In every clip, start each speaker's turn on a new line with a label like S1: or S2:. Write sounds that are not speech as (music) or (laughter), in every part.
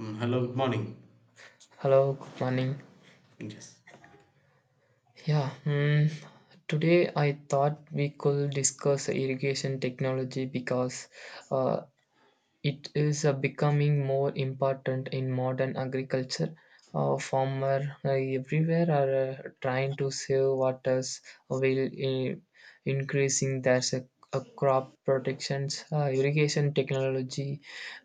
S1: Mm, hello, good morning.
S2: Hello, good morning.
S1: Yes.
S2: Yeah, today I thought we could discuss irrigation technology because uh, it is becoming more important in modern agriculture. Farmer everywhere are trying to save waters while increasing their crop protections. Irrigation technology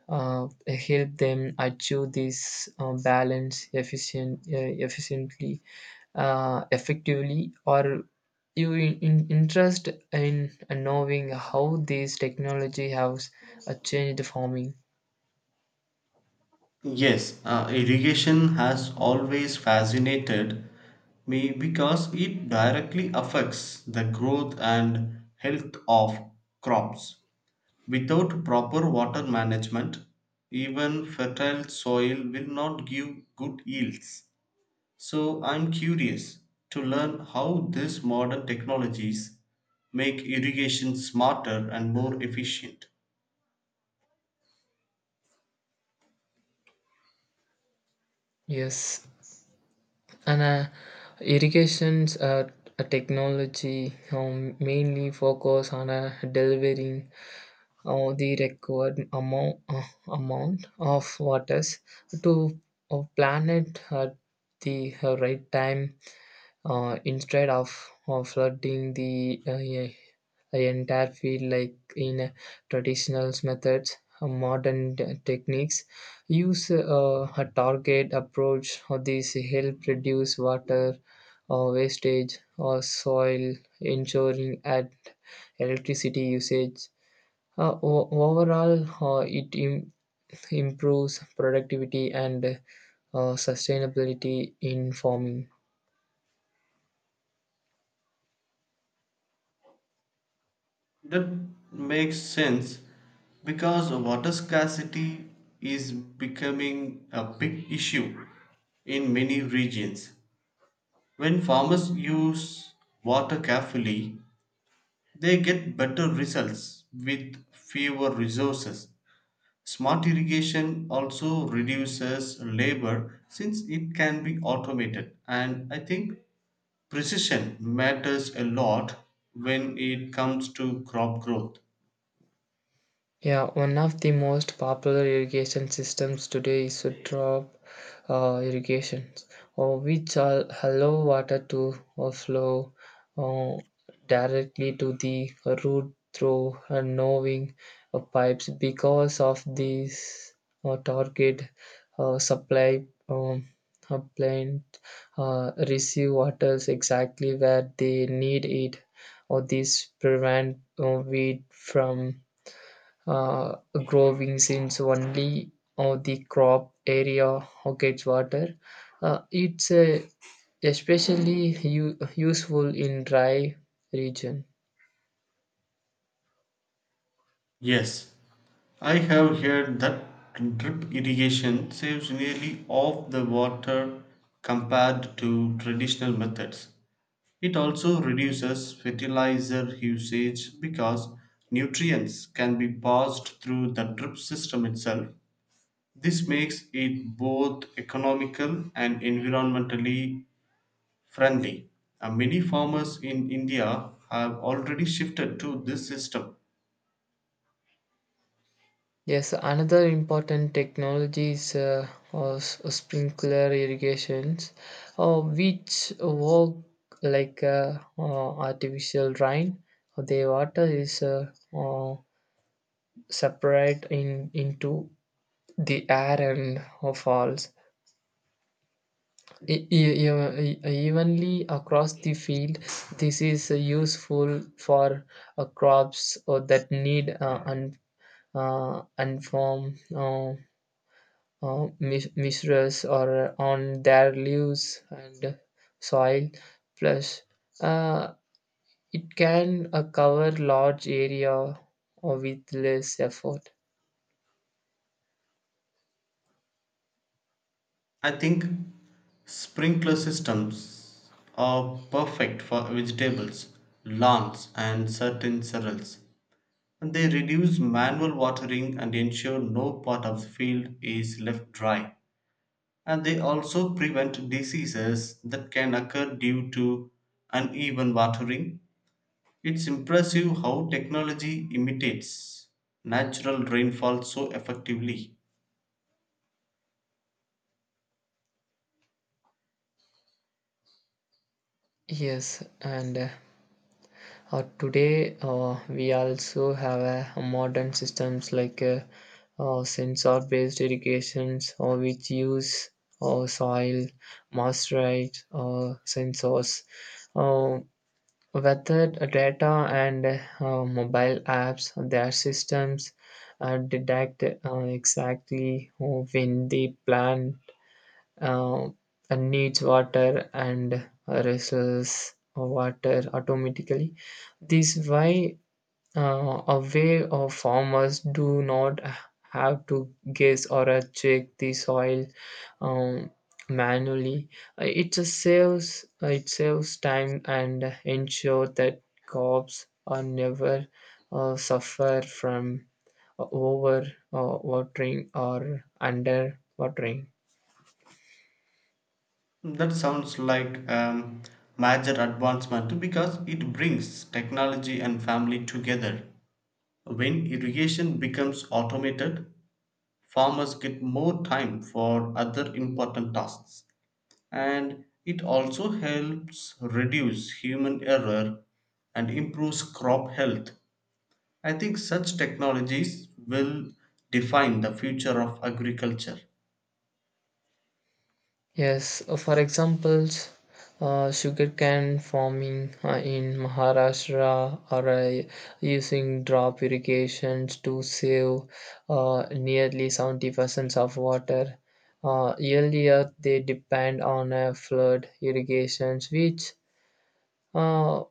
S2: uh, help them achieve this balance efficiently effectively, or you in interest in knowing how these technology has changed farming.
S1: Yes, irrigation has always fascinated me because it directly affects the growth and health of crops. Without proper water management, even fertile soil will not give good yields. So, I'm curious to learn how these modern technologies make irrigation smarter and more efficient.
S2: Yes, and irrigations a technology mainly focus on delivering the required amount of waters to a planet at the right time. Instead of flooding the entire field, like in traditional methods, modern techniques use a target approach. Or these help reduce water wastage or soil, ensuring at electricity usage. Overall, it improves productivity and sustainability in farming.
S1: That makes sense because water scarcity is becoming a big issue in many regions. When farmers use water carefully, they get better results with fewer resources. Smart irrigation also reduces labor since it can be automated, and I think precision matters a lot when it comes to crop growth.
S2: Yeah, one of the most popular irrigation systems today is drop irrigation, which allow water to flow uh, directly to the root through knowing pipes. Because of this target supply, plant receive waters exactly where they need it, or this prevent weed from uh, growing, since only the crop area or gets water. It's especially useful in dry region.
S1: Yes, I have heard that drip irrigation saves nearly half the water compared to traditional methods. It also reduces fertilizer usage because nutrients can be passed through the drip system itself. This makes it both economical and environmentally friendly. Many farmers in India have already shifted to this system.
S2: Yes, another important technology is sprinkler irrigations, which work like artificial rain. The water is separate in into the air and falls evenly across the field. This is useful for crops that need unformed mistress or on their leaves and soil, plus uh, it can cover large area with less effort.
S1: I think sprinkler systems are perfect for vegetables, lawns, and certain cereals. They reduce manual watering and ensure no part of the field is left dry. And they also prevent diseases that can occur due to uneven watering. It's impressive how technology imitates natural rainfall so effectively.
S2: Yes, and today, we also have a modern systems like sensor-based irrigations, or which use soil, moisture, sensors, uh, weather data, and mobile apps. Their systems detect exactly when they plant uh, and needs water and resources water automatically. This why a way of farmers do not have to guess or check the soil um, manually. It just saves it saves time and ensure that crops are never suffer from over watering or under watering.
S1: That sounds like a major advancement because it brings technology and family together. When irrigation becomes automated, farmers get more time for other important tasks. And it also helps reduce human error and improves crop health. I think such technologies will define the future of agriculture.
S2: Yes, for examples, sugarcane farming in Maharashtra are using drop irrigations to save nearly 70% of water. Earlier, they depend on flood irrigations, which uh,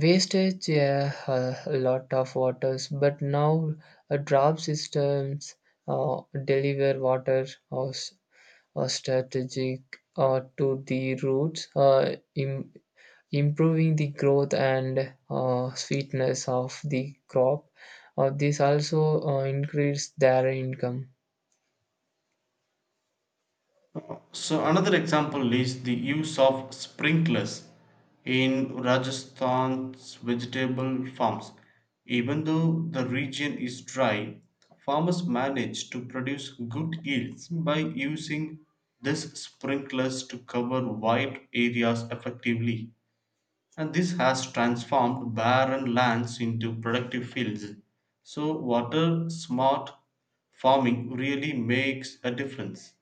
S2: wastage, yeah, a lot of waters. But now, drop systems deliver water, strategic to the roots, improving the growth and sweetness of the crop. This also increased their income.
S1: So another example is the use of sprinklers in Rajasthan's vegetable farms. Even though the region is dry, farmers manage to produce good yields by using these sprinklers to cover wide areas effectively. And this has transformed barren lands into productive fields. So water smart farming really makes a difference.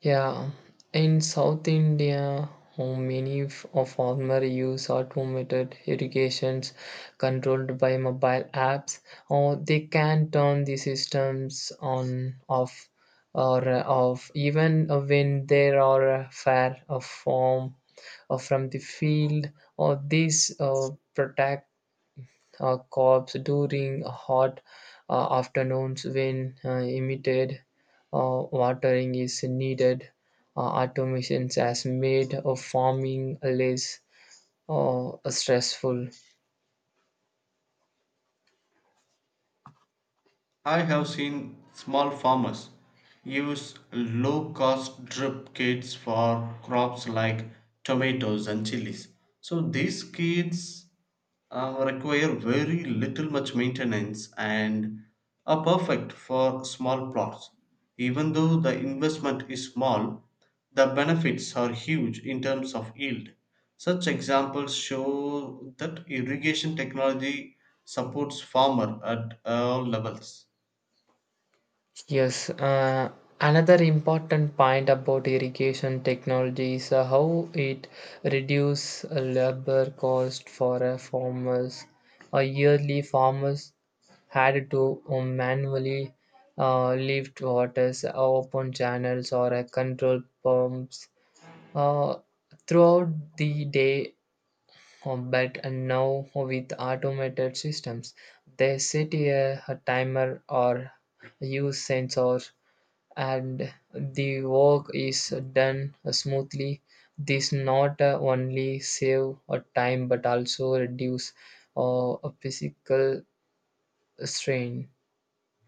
S2: Yeah, in South India, oh, many of farmer use automated irrigations controlled by mobile apps, or they can turn the systems on off or off, even when there are far form or from the field, or this protect crops during hot afternoons when immediate watering is needed. Automation has made farming less stressful.
S1: I have seen small farmers use low cost drip kits for crops like tomatoes and chilies. So these kits require very little much maintenance and are perfect for small plots. Even though the investment is small, the benefits are huge in terms of yield. Such examples show that irrigation technology supports farmer at all levels.
S2: Yes, another important point about irrigation technology is how it reduces labor cost for farmers. Yearly farmers had to manually lift waters, open channels, or control pumps uh, throughout the day. But now with automated systems, they set a timer or use sensors, and the work is done smoothly. This not only save time, but also reduce a physical strain.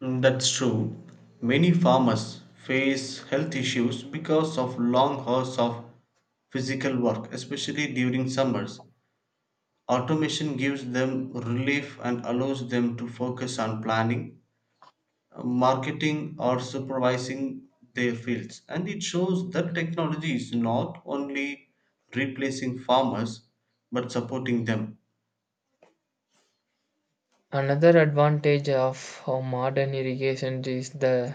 S1: Mm, that's true. Many farmers face health issues because of long hours of physical work, especially during summers. Automation gives them relief and allows them to focus on planning, marketing, or supervising their fields. And it shows that technology is not only replacing farmers but supporting them.
S2: Another advantage of modern irrigation is the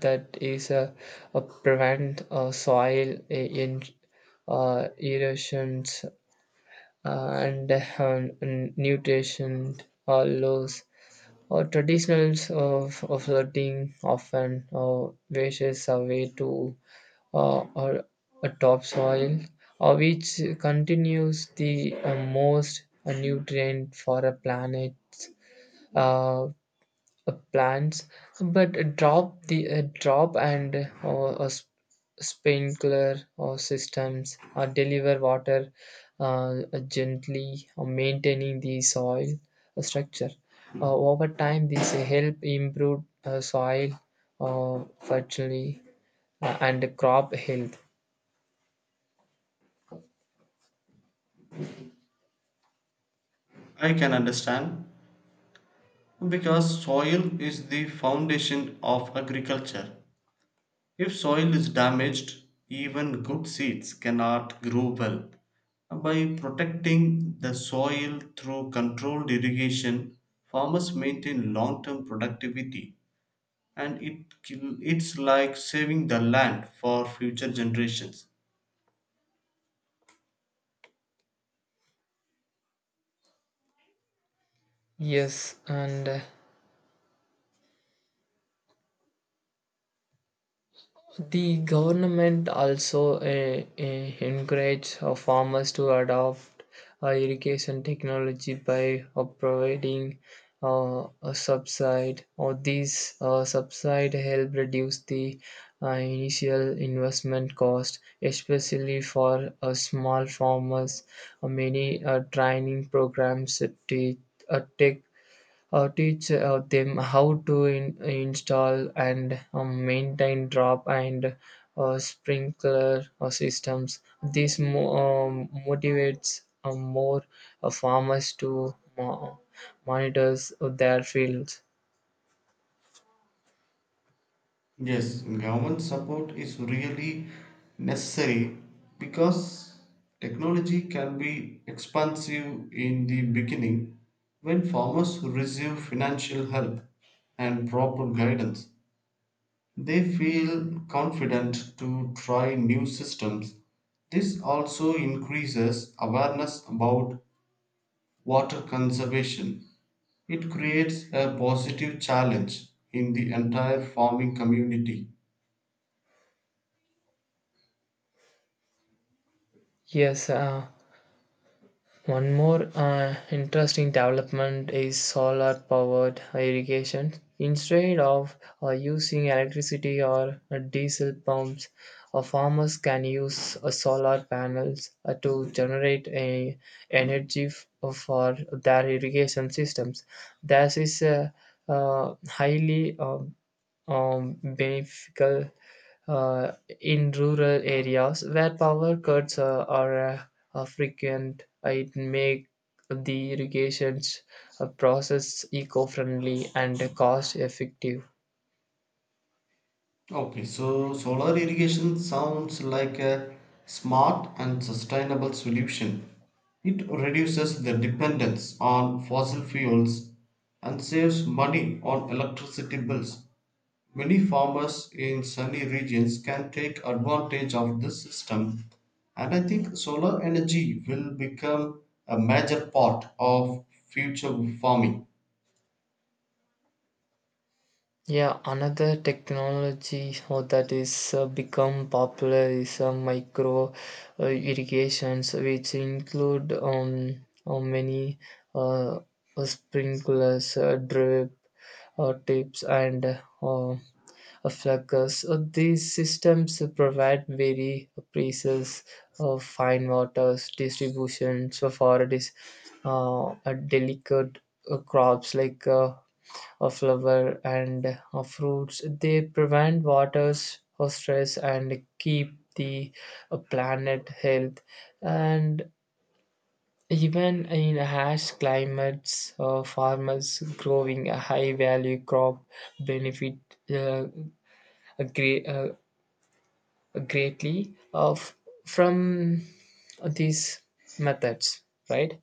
S2: that is a prevent soil in erosions and nutrition loss. Traditionals of flirting often washes away to or a topsoil, which continues the most nutrient for a planet, uh, plants, but drop the drop and or sprinkler or systems or deliver water uh, gently or maintaining the soil structure. Over time, these help improve soil fertility and crop health.
S1: I can understand because soil is the foundation of agriculture. If soil is damaged, even good seeds cannot grow well. By protecting the soil through controlled irrigation, farmers maintain long term productivity and it's like saving the land for future generations.
S2: Yes, and the government also encourages farmers to adopt irrigation technology by providing a subside, or these subside help reduce the initial investment cost, especially for small farmers. Many training programs te- take teach them how to install and maintain drop and sprinkler systems. This motivates more farmers to monitor their fields.
S1: Yes, government support is really necessary because technology can be expensive in the beginning when farmers receive financial help and proper guidance. They feel confident to try new systems. This also increases awareness about water conservation. It creates a positive challenge in the entire farming community.
S2: Yes, one more interesting development is solar powered irrigation. Instead of using electricity or diesel pumps, farmers can use solar panels to generate a energy for their irrigation systems. This is a highly beneficial uh, in rural areas where power cuts are frequent. It make the irrigations process eco-friendly and cost-effective.
S1: Okay, so solar irrigation sounds like a smart and sustainable solution. It reduces the dependence on fossil fuels and saves money on electricity bills. Many farmers in sunny regions can take advantage of this system, and I think solar energy will become a major part of future farming.
S2: Yeah, another technology how that is become popular is micro irrigations, which include many uh, sprinklers, drip tips, and fluckers. These systems provide very precise fine waters distributions, for this a delicate crops like of flowers and of fruits. They prevent waters water stress and keep the planet health. And even in harsh climates, farmers growing a high value crop benefit uh, a great, uh, greatly of from these methods, right?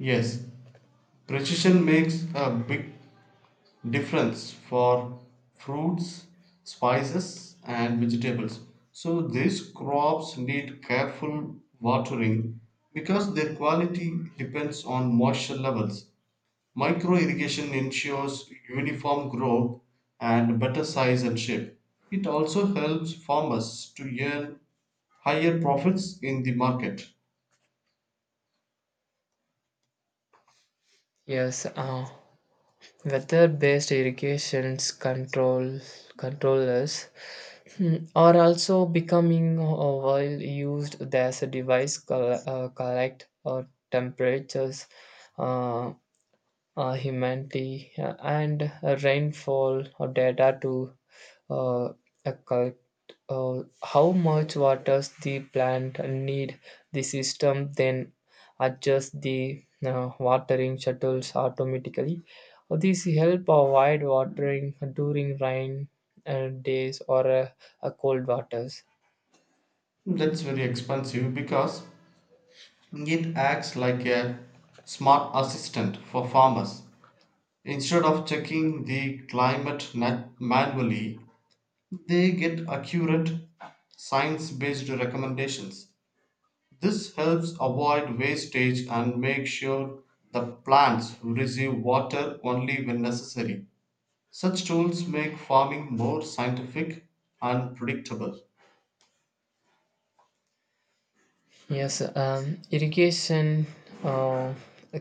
S1: Yes, precision makes a big difference for fruits, spices, and vegetables. So these crops need careful watering because their quality depends on moisture levels. Micro irrigation ensures uniform growth and better size and shape. It also helps farmers to earn higher profits in the market.
S2: Yes, weather-based irrigations controllers, are also becoming well used as a device collect or temperatures. Uh, humanity and rainfall data to uh, occult uh, how much waters the plant need. The system then adjust the watering shuttles automatically. This help avoid watering during rain days or cold waters.
S1: That's very expensive because it acts like a smart assistant for farmers. Instead of checking the climate manually, they get accurate science based recommendations. This helps avoid wastage and make sure the plants receive water only when necessary. Such tools make farming more scientific and predictable.
S2: Yes, irrigation uh,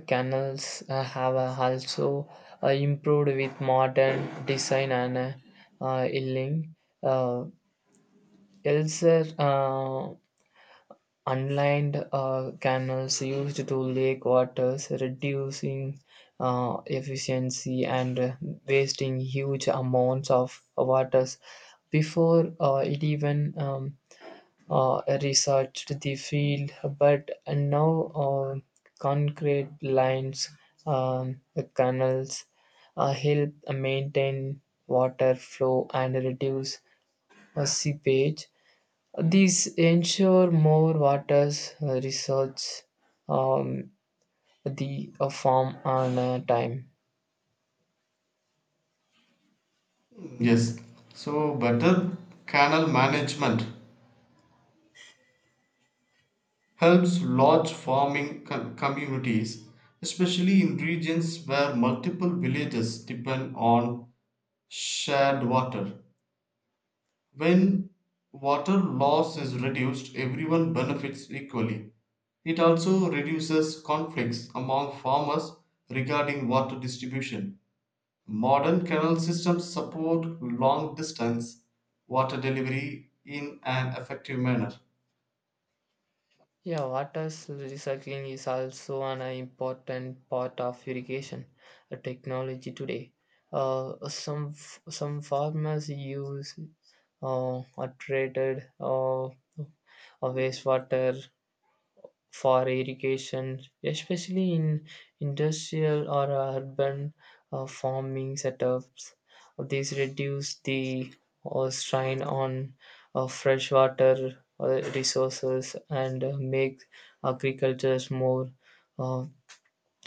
S2: canals have also improved with modern design and illing. Uh, elsewhere, unlined canals used to lake waters, reducing efficiency and wasting huge amounts of waters before it even researched the field, but now concrete lines, um, canals, help maintain water flow and reduce seepage. These ensure more water's resource um, the form and time.
S1: Yes, so better canal management helps large farming communities, especially in regions where multiple villages depend on shared water. When water loss is reduced, everyone benefits equally. It also reduces conflicts among farmers regarding water distribution. Modern canal systems support long distance water delivery in an effective manner.
S2: Yeah, water recycling is also an important part of irrigation technology today. Some some farmers use uh, treated wastewater for irrigation, especially in industrial or urban farming setups. These reduce the strain on freshwater resources and make agriculture more uh,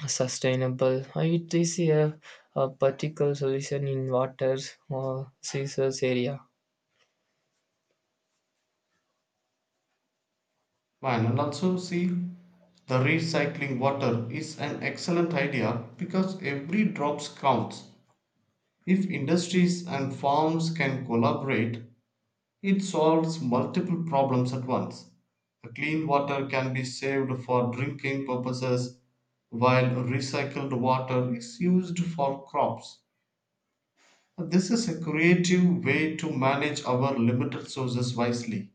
S2: sustainable. It is a particle solution in water uh, resource area.
S1: Fine, and also see the recycling water is an excellent idea because every drop counts. If industries and farms can collaborate, it solves multiple problems at once. The clean water can be saved for drinking purposes while recycled water is used for crops. This is a creative way to manage our limited sources wisely.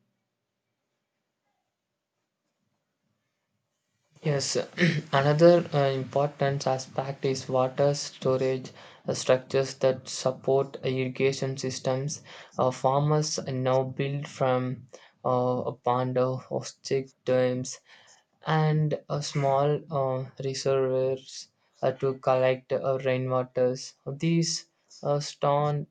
S2: Yes, (clears throat) another important aspect is water storage structures that support irrigation systems. Farmers now build from a pond or stick dams and a small reservoirs to collect rainwaters. These store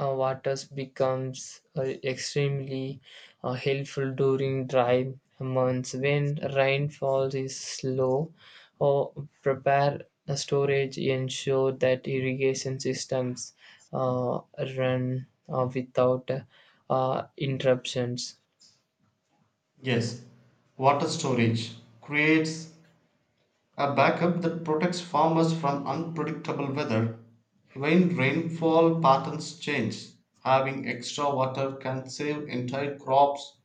S2: waters becomes extremely helpful during dry months when rainfall is slow, or prepare a storage ensure that irrigation systems uh, run without interruptions.
S1: Yes, water storage creates a backup that protects farmers from unpredictable weather. When rainfall patterns change, having extra water can save entire crops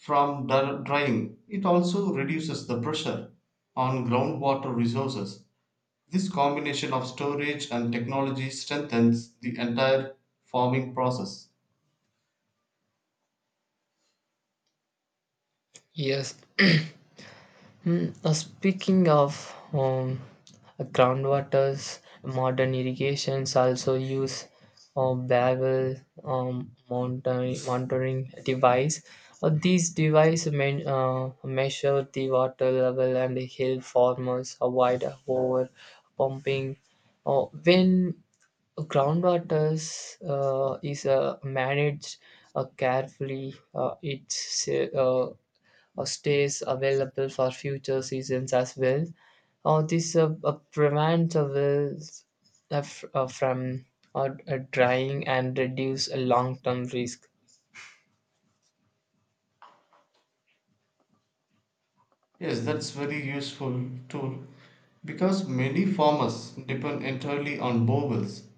S1: from drying. It also reduces the pressure on groundwater resources. This combination of storage and technology strengthens the entire farming process.
S2: Yes. Speaking of groundwaters, modern irrigations also use Babel monitoring device. These devices measure the water level and help farmers avoid over pumping. When groundwaters is managed carefully, or stays available for future seasons as well. This prevents wells from drying and reduce a long-term risk.
S1: Yes, that's very useful tool because many farmers depend entirely on bowels.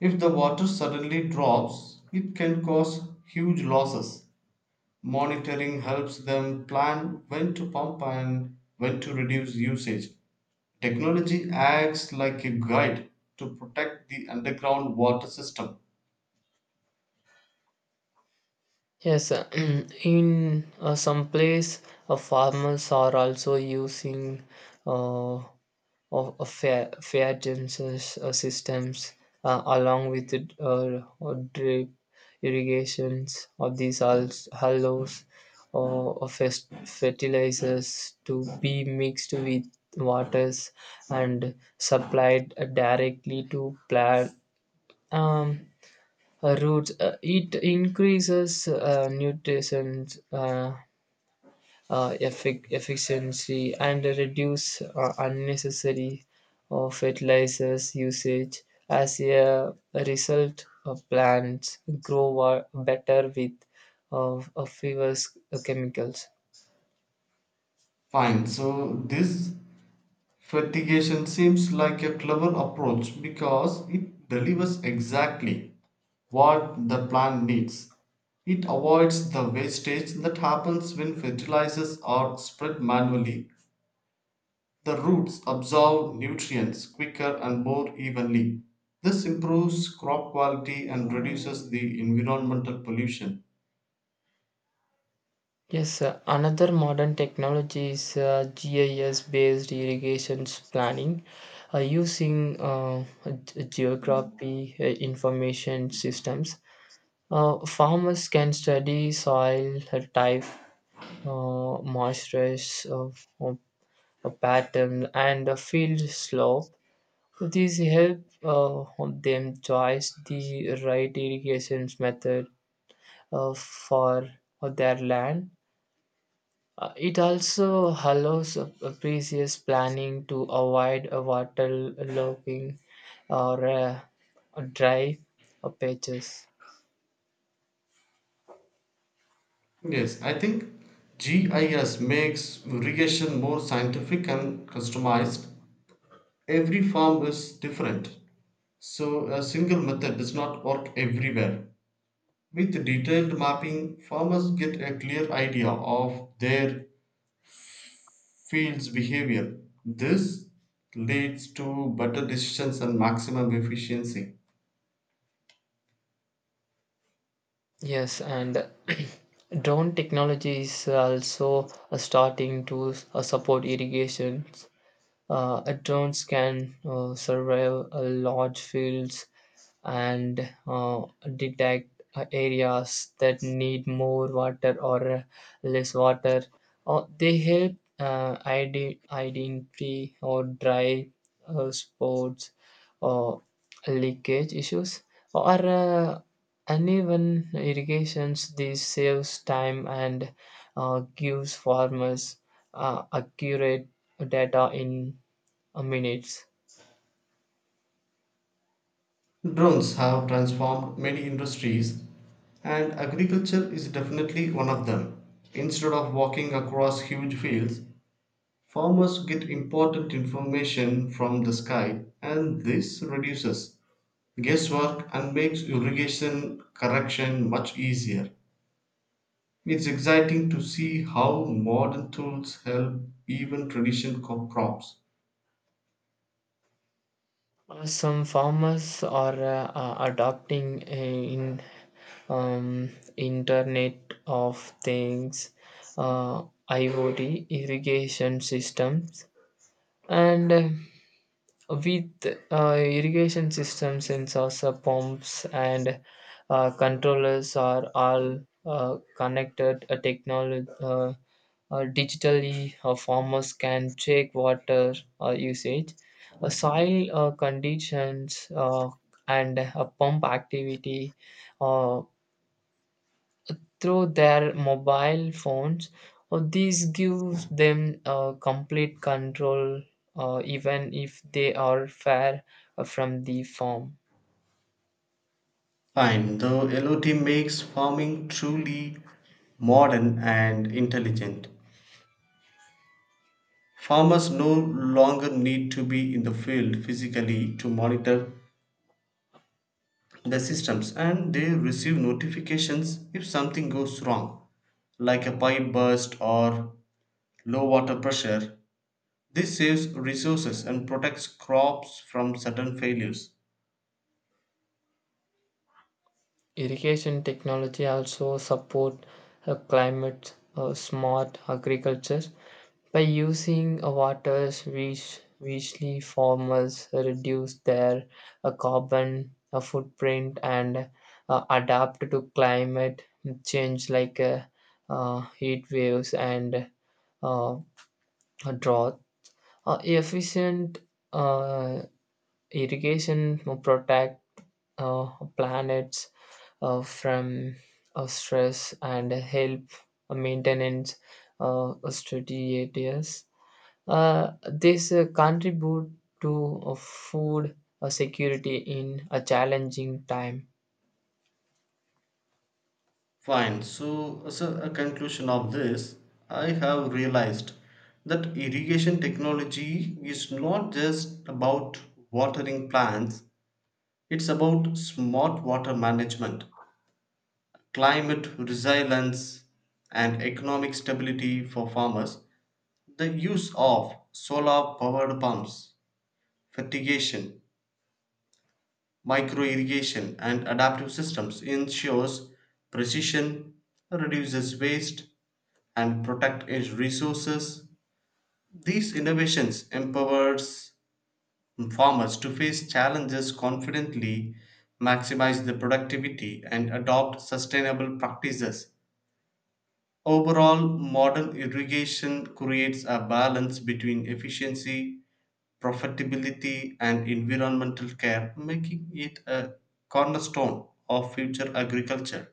S1: If the water suddenly drops, it can cause huge losses. Monitoring helps them plan when to pump and when to reduce usage. Technology acts like a guide to protect the underground water system.
S2: Yes, (clears throat) in some place, farmers are also using uh, fair tensions, systems, along with drip irrigations of these hollows or fertilizers to be mixed with waters and supplied directly to plant um, roots. It increases nutrition. Uh, efficiency and reduce unnecessary fertilizers usage. As a result, plants grow better with fewer chemicals.
S1: Fine, so this fatigation seems like a clever approach because it delivers exactly what the plant needs. It avoids the wastage that happens when fertilizers are spread manually. The roots absorb nutrients quicker and more evenly. This improves crop quality and reduces the environmental pollution.
S2: Yes, another modern technology is GIS based irrigation planning using geography information systems. Farmers can study soil type moisturize of a pattern and a field slope. So these help them choose the right irrigation method for their land. It also allows a previous planning to avoid a waterlogging or dry patches.
S1: Yes, I think GIS makes irrigation more scientific and customized. Every farm is different, so a single method does not work everywhere. With detailed mapping, farmers get a clear idea of their field's behavior. This leads to better decisions and maximum efficiency.
S2: Yes, and (clears throat) drone technology is also starting to support irrigations. Drones can survey large fields and detect areas that need more water or less water. They help identify or dry spots, uh, leakage issues or uneven irrigations. This saves time and gives farmers accurate data in minutes.
S1: Drones have transformed many industries, and agriculture is definitely one of them. Instead of walking across huge fields, farmers get important information from the sky, and this reduces guesswork and makes irrigation correction much easier. It's exciting to see how modern tools help even traditional crops.
S2: Some farmers are adopting in um, Internet of Things, uh, IoT irrigation systems, and With irrigation systems, sensors, pumps, and controllers are all connected technology. Digitally, farmers can check water usage, soil conditions, and pump activity uh, through their mobile phones, or these gives them complete control, even if they are far from the farm.
S1: Fine, though LOT makes farming truly modern and intelligent. Farmers no longer need to be in the field physically to monitor the systems and they receive notifications if something goes wrong, like a pipe burst or low water pressure. This saves resources and protects crops from sudden failures.
S2: Irrigation technology also support climate smart agriculture. By using water which richly farmers reduce their carbon footprint and adapt to climate change like heat waves and uh, drought. Efficient uh, irrigation will protect uh, planets from stress and help maintenance strategies. This contribute to food security in a challenging time.
S1: Fine, so as a conclusion of this, I have realized that irrigation technology is not just about watering plants, it's about smart water management, climate resilience, and economic stability for farmers. The use of solar powered pumps, fertigation, microirrigation and adaptive systems ensures precision, reduces waste, and protect its resources. These innovations empowers farmers to face challenges confidently, maximize the productivity, and adopt sustainable practices. Overall, modern irrigation creates a balance between efficiency, profitability, and environmental care, making it a cornerstone of future agriculture.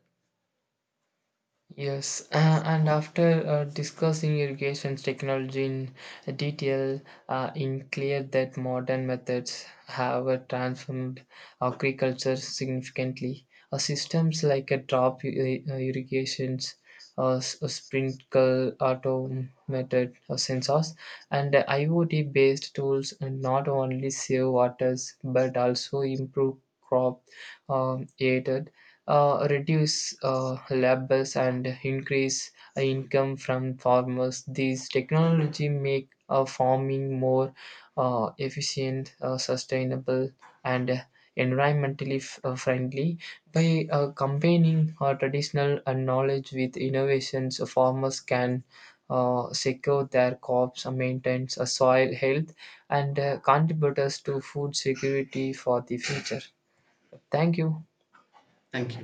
S2: Yes, and after discussing irrigation technology in detail, in clear that modern methods have transformed agriculture significantly. Systems like a drop irrigations, sprinkle automated sensors, and IoT-based tools and not only save waters but also improve crop yield, reduce lab bills and increase income from farmers. These technology make farming more efficient, sustainable, and environmentally friendly. By combining traditional knowledge with innovations, farmers can secure their crops, maintain soil health, and contribute us to food security for the future. Thank you.
S1: Thank you.